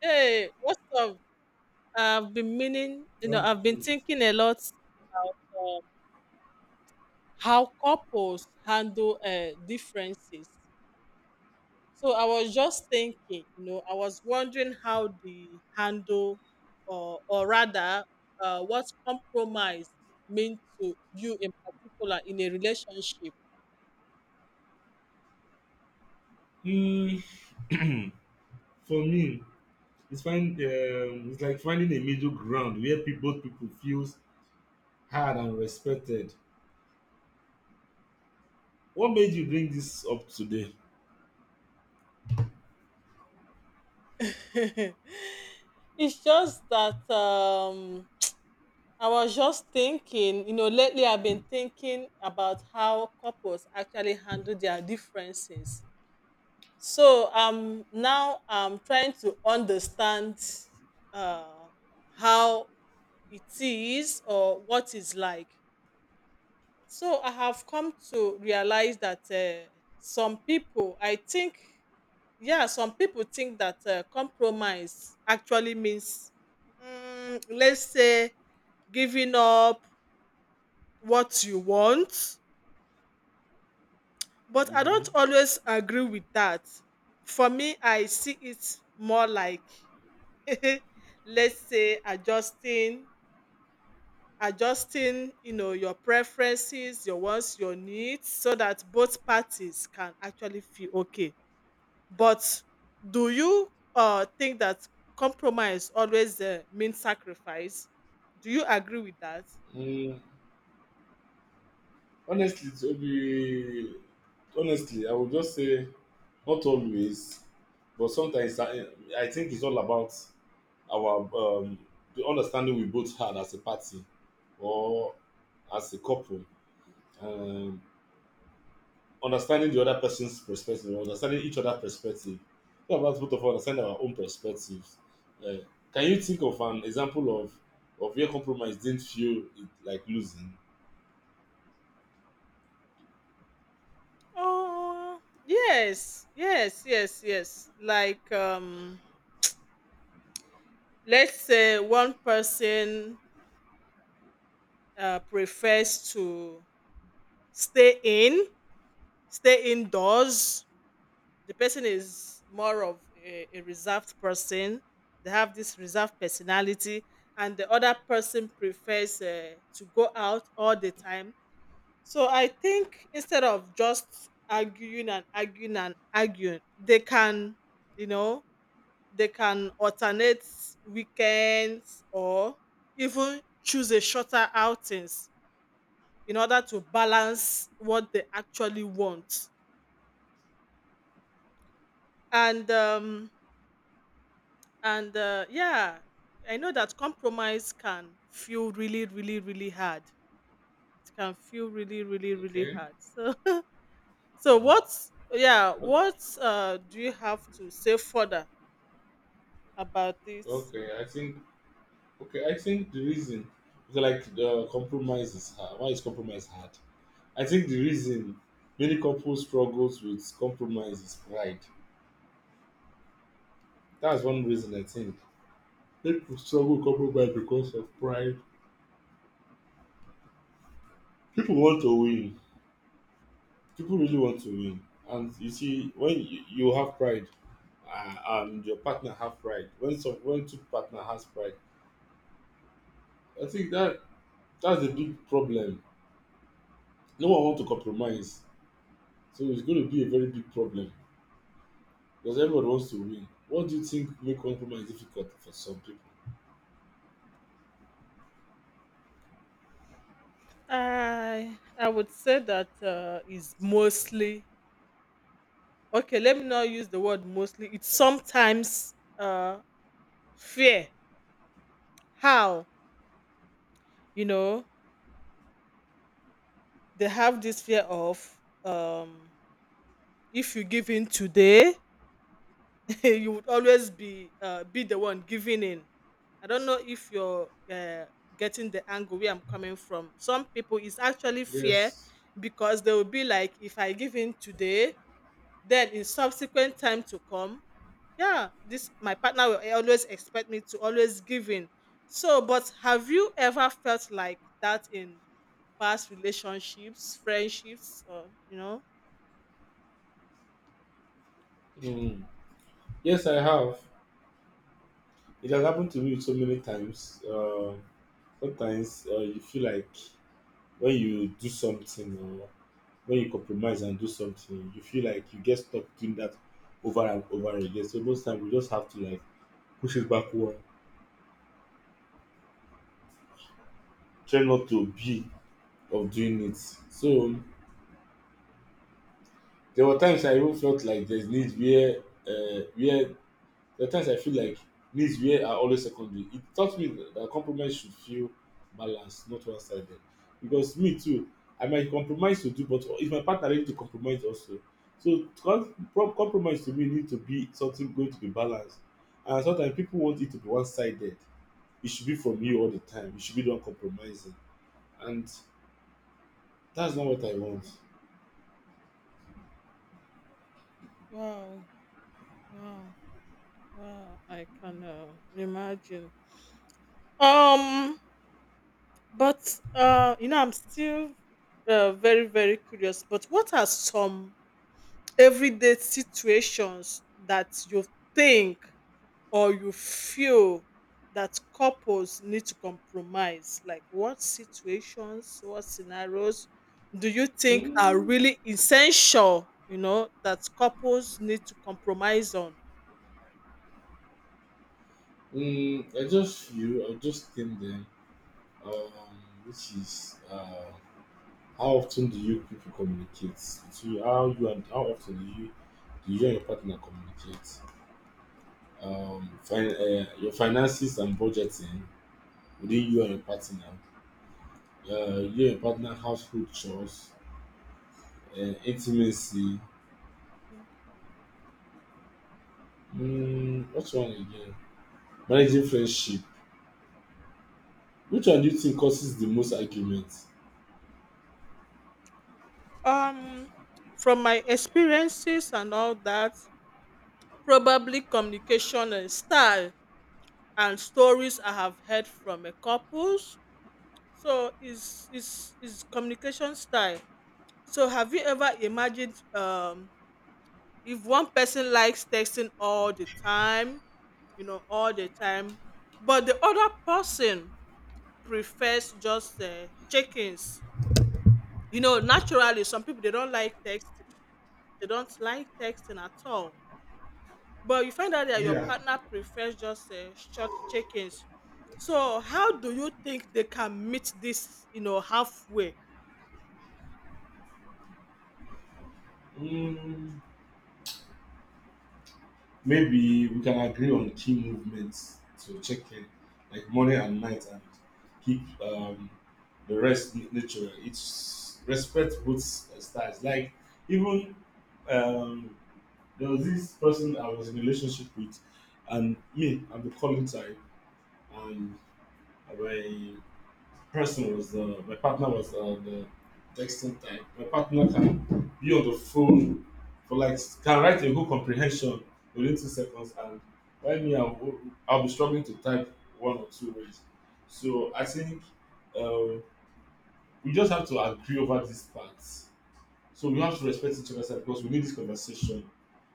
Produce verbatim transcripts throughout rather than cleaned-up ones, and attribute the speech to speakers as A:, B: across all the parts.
A: Hey, what's up? I've been meaning, you know,
B: Um,
A: I've been thinking a lot about um, how couples handle uh, differences. So I was just thinking, you know, I was wondering how they handle, or or rather, uh, what compromise means to you in particular in a relationship.
B: Mm, for me, it's find um, it's like finding a middle ground where pe- both people feels heard and respected. What made you bring this up today?
A: It's just that. Um, I was just thinking, you know, lately I've been thinking about how couples actually handle their differences. So um now I'm trying to understand uh how it is or what it's like. So I have come to realize that uh, some people, I think, yeah, some people think that uh, compromise actually means, mm, let's say, giving up what you want, but I
B: Mm-hmm.
A: don't always agree with that. For me, I see it more like let's say adjusting adjusting you know your preferences, your wants, your needs, so that both parties can actually feel okay. But do you uh think that compromise always uh, means sacrifice? Do you agree with that?
B: Mm, honestly, to be Honestly, I would just say not always, but sometimes I, I think it's all about our um, the understanding we both had as a party or as a couple. Um, Understanding the other person's perspective, understanding each other's perspective. What about both of us understanding our own perspectives? Uh, can you think of an example of of where compromise didn't feel it, like losing?
A: Oh, yes, yes, yes, yes. Like, um, let's say one person uh, prefers to stay in, stay indoors. The person is more of a, a reserved person. They have this reserved personality, and the other person prefers uh, to go out all the time. So I think instead of just arguing and arguing and arguing, they can, you know, they can alternate weekends or even choose a shorter outings in order to balance what they actually want. And um and uh, yeah, I know that compromise can feel really, really, really hard. It can feel really, really, really
B: Okay.
A: hard. So so
B: Mm.
A: what, yeah,
B: O-
A: what uh, do you have to say further about this?
B: Okay. I think. Okay. I think the reason, okay, like the compromise is hard. Why is compromise hard? I think the reason many couples struggles with compromise is pride. That's one reason I think. People struggle with compromise because of pride. People want to win, people really want to win, and you see when you, you have pride uh, and your partner have pride when some when two partner has pride. I think that that's a big problem. No one want to compromise, so it's going to be a very big problem because everybody wants to win. What do you think make compromise difficult for some people?
A: I I would say that uh, is mostly— okay, let me not use the word mostly. It's sometimes uh fear. How? You know, they have this fear of um if you give in today, you would always be uh be the one giving in. I don't know if you're uh, getting the angle where I'm coming from. Some people is actually fear
B: Yes.
A: because they will be like, if I give in today, then in subsequent time to come, yeah, this my partner will always expect me to always give in. So but have you ever felt like that in past relationships, friendships, or you know?
B: Mm. Yes, I have. It has happened to me so many times uh, Sometimes uh, you feel like when you do something, when you compromise and do something, you feel like you get stuck doing that over and over again. So most times we just have to like push it backward, try not to be of doing it. So there were times I even felt like there's need where uh, where there are times I feel like needs where are always secondary. It taught me that compromise should feel balanced, not one sided. Because me too, I might compromise to do, but if my partner ready to compromise also. So com- com- compromise to me need to be something going to be balanced. And sometimes people want it to be one sided. It should be from you all the time. You should be the one compromising. And that's not what I want.
A: Wow, wow, wow. I can uh, imagine. Um, but uh you know, I'm still uh, very, very curious, but what are some everyday situations that you think or you feel that couples need to compromise? Like what situations, what scenarios do you think are
B: Mm,
A: really essential, you know, that couples need to compromise on?
B: mm, I just feel, I just think then, um, which is. Uh, How often do you people communicate? To you, how you and how often do you Do you and your partner communicate? Um, fin- uh, your finances and budgeting within you and your partner. Uh, you and your partner household chores, uh, intimacy.
A: Thank you.
B: Mm, what's one again? Managing friendship. Which one do you think causes the most arguments?
A: Um from my experiences and all that, probably communication and style and stories I have heard from a couples. So is is is communication style. So have you ever imagined um if one person likes texting all the time, you know, all the time, but the other person prefers just uh, check-ins. You know, naturally, some people they don't like text, they don't like texting at all. But you find out that your
B: Yeah.
A: partner prefers just uh, short check-ins. So, how do you think they can meet this, you know, halfway?
B: Mm, Maybe we can agree on key movements to check in, like morning and night, and keep um, the rest n- natural. It's respect both uh, styles. Like even um, there was this person I was in a relationship with, and me, I'm the calling type, and my person was uh, my partner was uh, the texting type. My partner can be on the phone for like can write a whole comprehension within two seconds, and while me, I'll, I'll be struggling to type one or two words. So I think um, we just have to agree over these parts. So we have to respect each other's side because we need this conversation.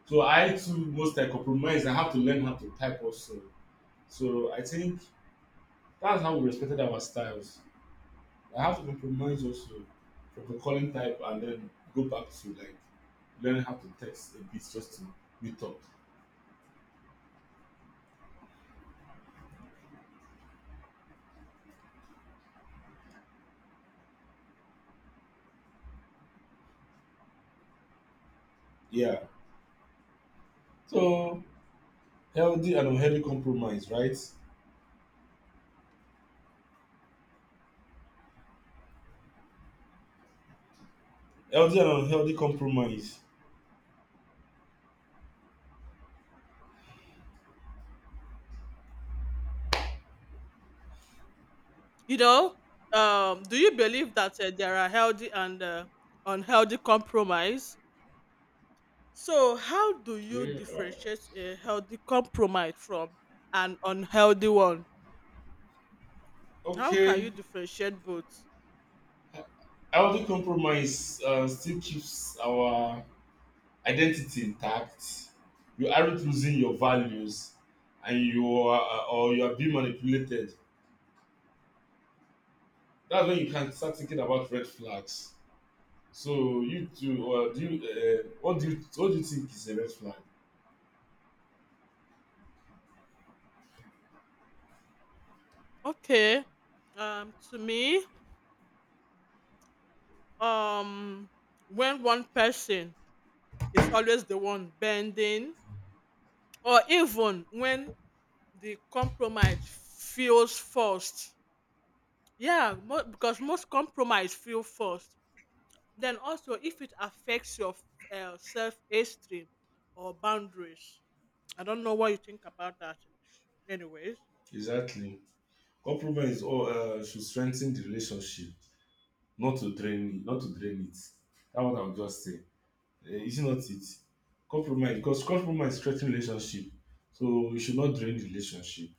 B: So I too most I compromise. I have to learn how to type also. So I think that's how we respected our styles. I have to compromise also from the calling type and then go back to like learning how to text a bit just to meet up. Yeah. So healthy and unhealthy compromise, right? Healthy and unhealthy compromise.
A: You know, um, do you believe that uh, there are healthy and uh, unhealthy compromise? So, how do you
B: Okay. Uh,
A: differentiate a healthy compromise from an unhealthy one? How can
B: Okay.
A: you differentiate both?
B: Healthy compromise uh, still keeps our identity intact. You aren't losing your values, and you are uh, or you are being manipulated. That's when you can start thinking about red flags. So you too, or do you, uh, what do you what do you think is a red flag?
A: Okay. Um, to me, um, when one person is always the one bending, or even when the compromise feels forced— yeah, mo- because most compromise feel forced. Then also, if it affects your uh, self-esteem or boundaries, I don't know what you think about that. Anyways,
B: Exactly. Compromise is all uh, should strengthen the relationship, not to drain it, not to drain it. That's what I would just say. Uh, is it not it? Compromise because compromise strengthen relationship, so we should not drain the relationship.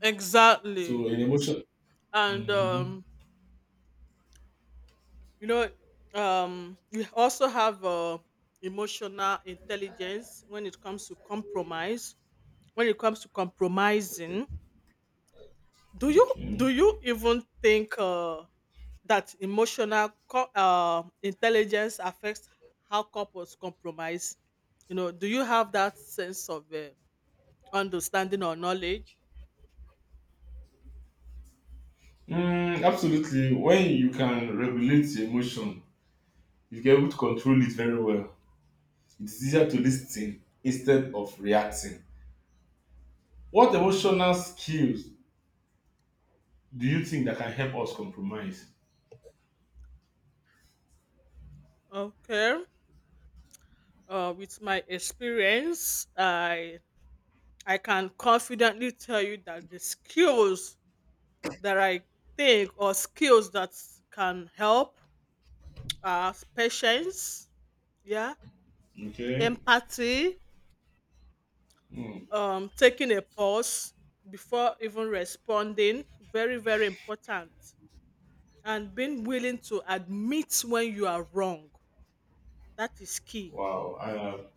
A: exactly,
B: So an emotion.
A: and
B: Mm-hmm.
A: um, you know, um, we also have uh, emotional intelligence when it comes to compromise. When it comes to
B: Okay.
A: compromising, do you do
B: Okay.
A: you even think Uh, that emotional co- uh, intelligence affects how couples compromise. You know, do you have that sense of uh, understanding or knowledge?
B: Mm, absolutely. When you can regulate your emotion, you get able to control it very well. It's easier to listen instead of reacting. What emotional skills do you think that can help us compromise?
A: Okay. Uh, with my experience, I I can confidently tell you that the skills that I think, or skills that can help, are patience, yeah,
B: Okay.
A: empathy,
B: Hmm.
A: um, taking a pause before even responding, very, very important. And being willing to admit when you are wrong, that is key.
B: Wow. Uh,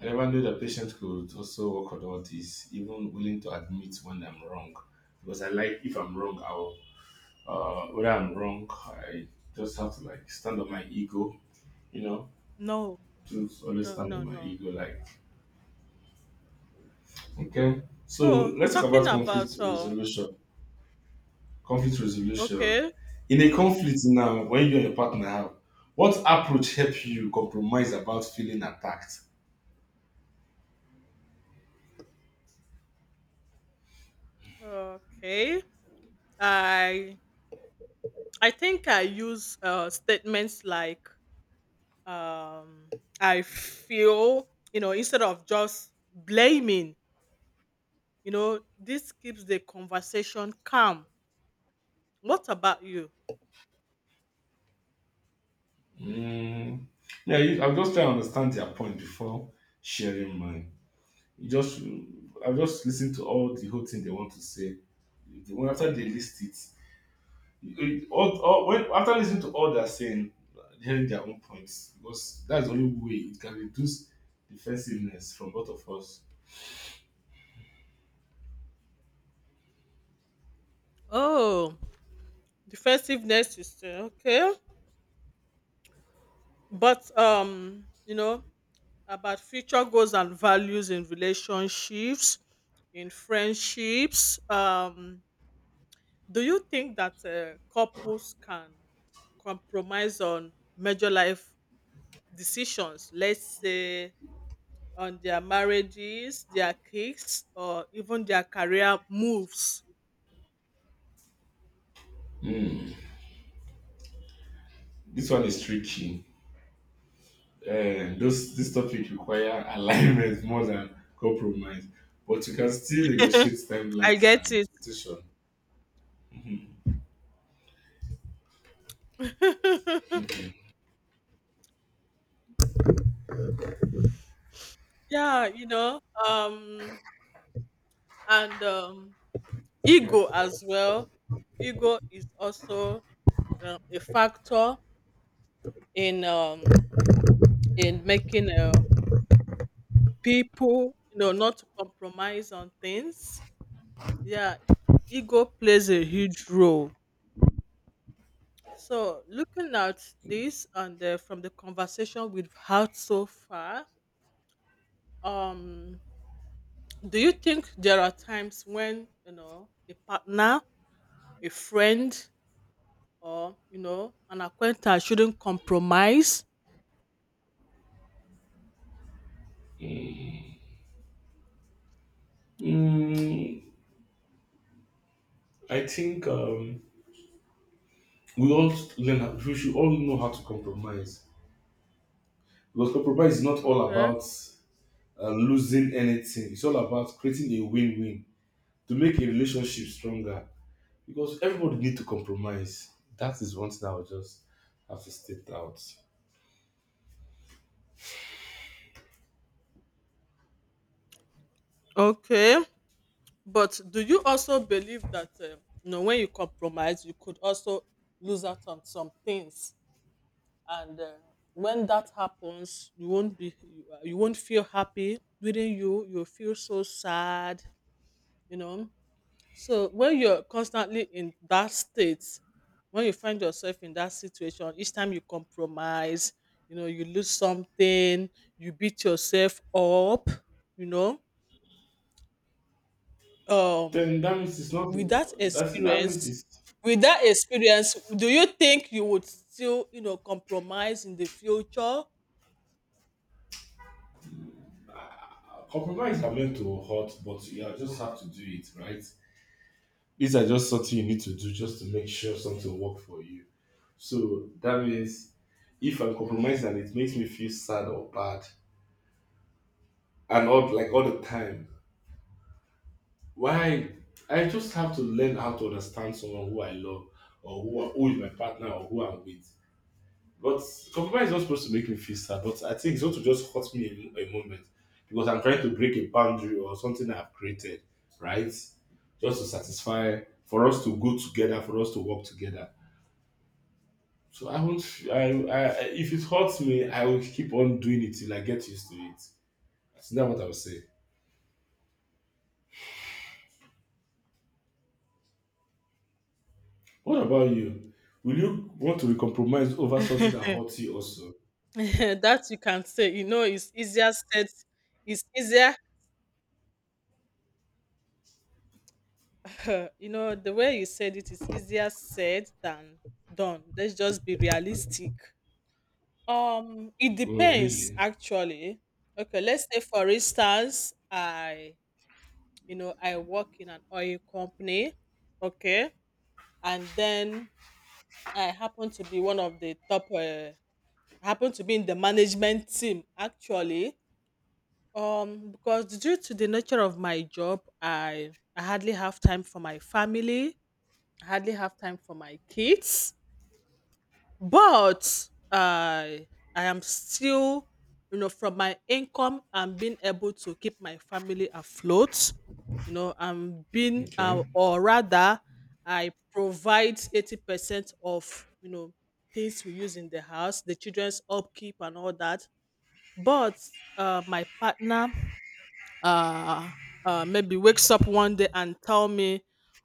B: I never knew that patients could also work on all this, even willing to admit when I'm wrong. Because I like, if I'm wrong, I'll, uh, whether I'm wrong, I just have to like stand on my ego, you know,
A: No,
B: to always
A: no,
B: stand on
A: no,
B: my
A: no.
B: ego. Like, okay. So
A: So,
B: let's talk
A: talking
B: about conflict
A: about, uh,
B: resolution. Conflict resolution.
A: okay,
B: In a conflict
A: o-
B: now, when you and your partner have, what approach help you compromise about feeling attacked?
A: okay, I, I think I use uh, statements like, um, I feel, you know, instead of just blaming, you know, this keeps the conversation calm. What about you?
B: Mm. Yeah, you- I'm just trying to understand their point before sharing mine. You just, I just listen to all the whole thing they want to say. The- When after they list it, it- all, all, when, After listening to all they're saying, hearing their own points, because that's the only way it can reduce defensiveness from both of us.
A: Oh, defensiveness is uh, okay. But um, you know, about future goals and values in relationships, in friendships. Um, do you think that uh, couples can compromise on major life decisions? Let's say on their marriages, their kids, or even their career moves.
B: This one is tricky. Uh, those this topic require alignment more than compromise, but you can still negotiate
A: I
B: timelines
A: get
B: and
A: it.
B: expectation.
A: Yeah, you know, um and um, ego as well. Ego is also um, a factor in um, in making uh, people you know not to compromise on things. Yeah, ego plays a huge role. So looking at this and uh, from the conversation we've had so far, um, do you think there are times when you know a partner, a friend, or you know an acquaintance shouldn't compromise?
B: Okay. Mm, I think um, we all learn. how- We should all know how to compromise because compromise is not all
A: Okay.
B: about uh, losing anything. It's all about creating a win-win to make a relationship stronger. Because everybody need to compromise. That is one thing I will just have to state out.
A: Okay, but do you also believe that uh, you know, when you compromise, you could also lose out on some things, and uh, when that happens, you won't be you, uh, you won't feel happy within you. You'll feel so sad. You know, so when you're constantly in that state, when you find yourself in that situation, each time you compromise, you know, you lose something, you beat yourself up, you know. Um,
B: Then that means it's not.
A: with that
B: I That means
A: experience,
B: it's
A: with that experience, do you think you would still, you know, compromise in the future?
B: compromise are meant to hurt, but you are- just have to do it, right? These are just something you need to do just to make sure something work for you. So that means if I'm compromised and it makes me feel sad or bad, and all like all the time, why? I just have to learn how to understand someone who I love or who, who is my partner or who I'm with. But compromise is not supposed to make me feel sad, but I think it's going to just hurt me a, a moment because I'm trying to break a boundary or something I've created, right? Just to satisfy, for us to go together, for us to work together. So I won't, I, I, if it hurts me, I will keep on doing it till I get used to it. So that's not what I would say. What about you? Will you want to be compromised over something that hurts you also?
A: That you can say, you know, it's easier said, it's easier you know, the way you said it is easier said than done. Let's just be realistic. Um, it
B: Oh,
A: depends
B: really?
A: actually. Okay, let's say for instance, I you know, I work in an oil company, okay, and then I happen to be one of the top uh, I happen to be in the management team actually. Um, because due to the nature of my job, I I hardly have time for my family, I hardly have time for my kids, but i i am still, you know, from my income I'm being able to keep my family afloat. You know, I'm being uh,
B: Okay.
A: or rather I provide eighty percent of, you know, things we use in the house, the children's upkeep and all that. But uh, my partner uh, uh, maybe wakes up one day and tell me,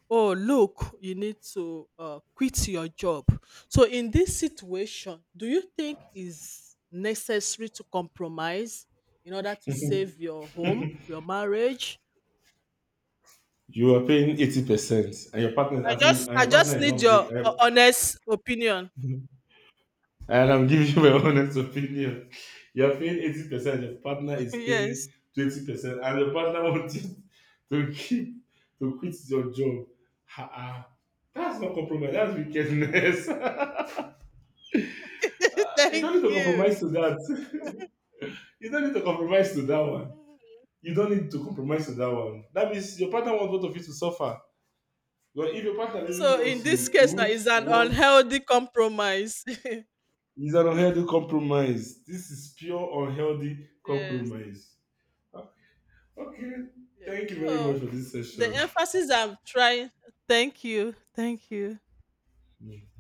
A: "Oh, look, you need to uh, quit your job." So, in this situation, do you think is necessary to compromise in order to save your home, your marriage?
B: You are paying eighty percent, and your partner is
A: I
B: asking,
A: just,
B: and
A: I
B: your partner
A: just
B: is
A: need
B: not
A: your
B: break.
A: uh, honest opinion.
B: And I'm giving you my honest opinion. You're paying eighty percent, your partner is
A: Yes,
B: paying twenty percent, and your partner wants you to keep to quit your job. Ha ah. That's not compromise, that's wickedness. You don't need
A: thank
B: to
A: you.
B: compromise to that. You don't need to compromise to that one.
A: Mhm.
B: You don't need to compromise to that one. That means your partner wants both of you to suffer. But if your partner really
A: So, in
B: loves
A: this
B: you, you
A: case, now
B: won't
A: is an
B: want.
A: unhealthy compromise.
B: It's an unhealthy compromise. This is pure unhealthy
A: Yes.
B: compromise. Okay.
A: Yes.
B: Thank you very much
A: So
B: for this
A: the
B: session.
A: emphasis I'm trying. Thank you. Thank you.
B: Yeah.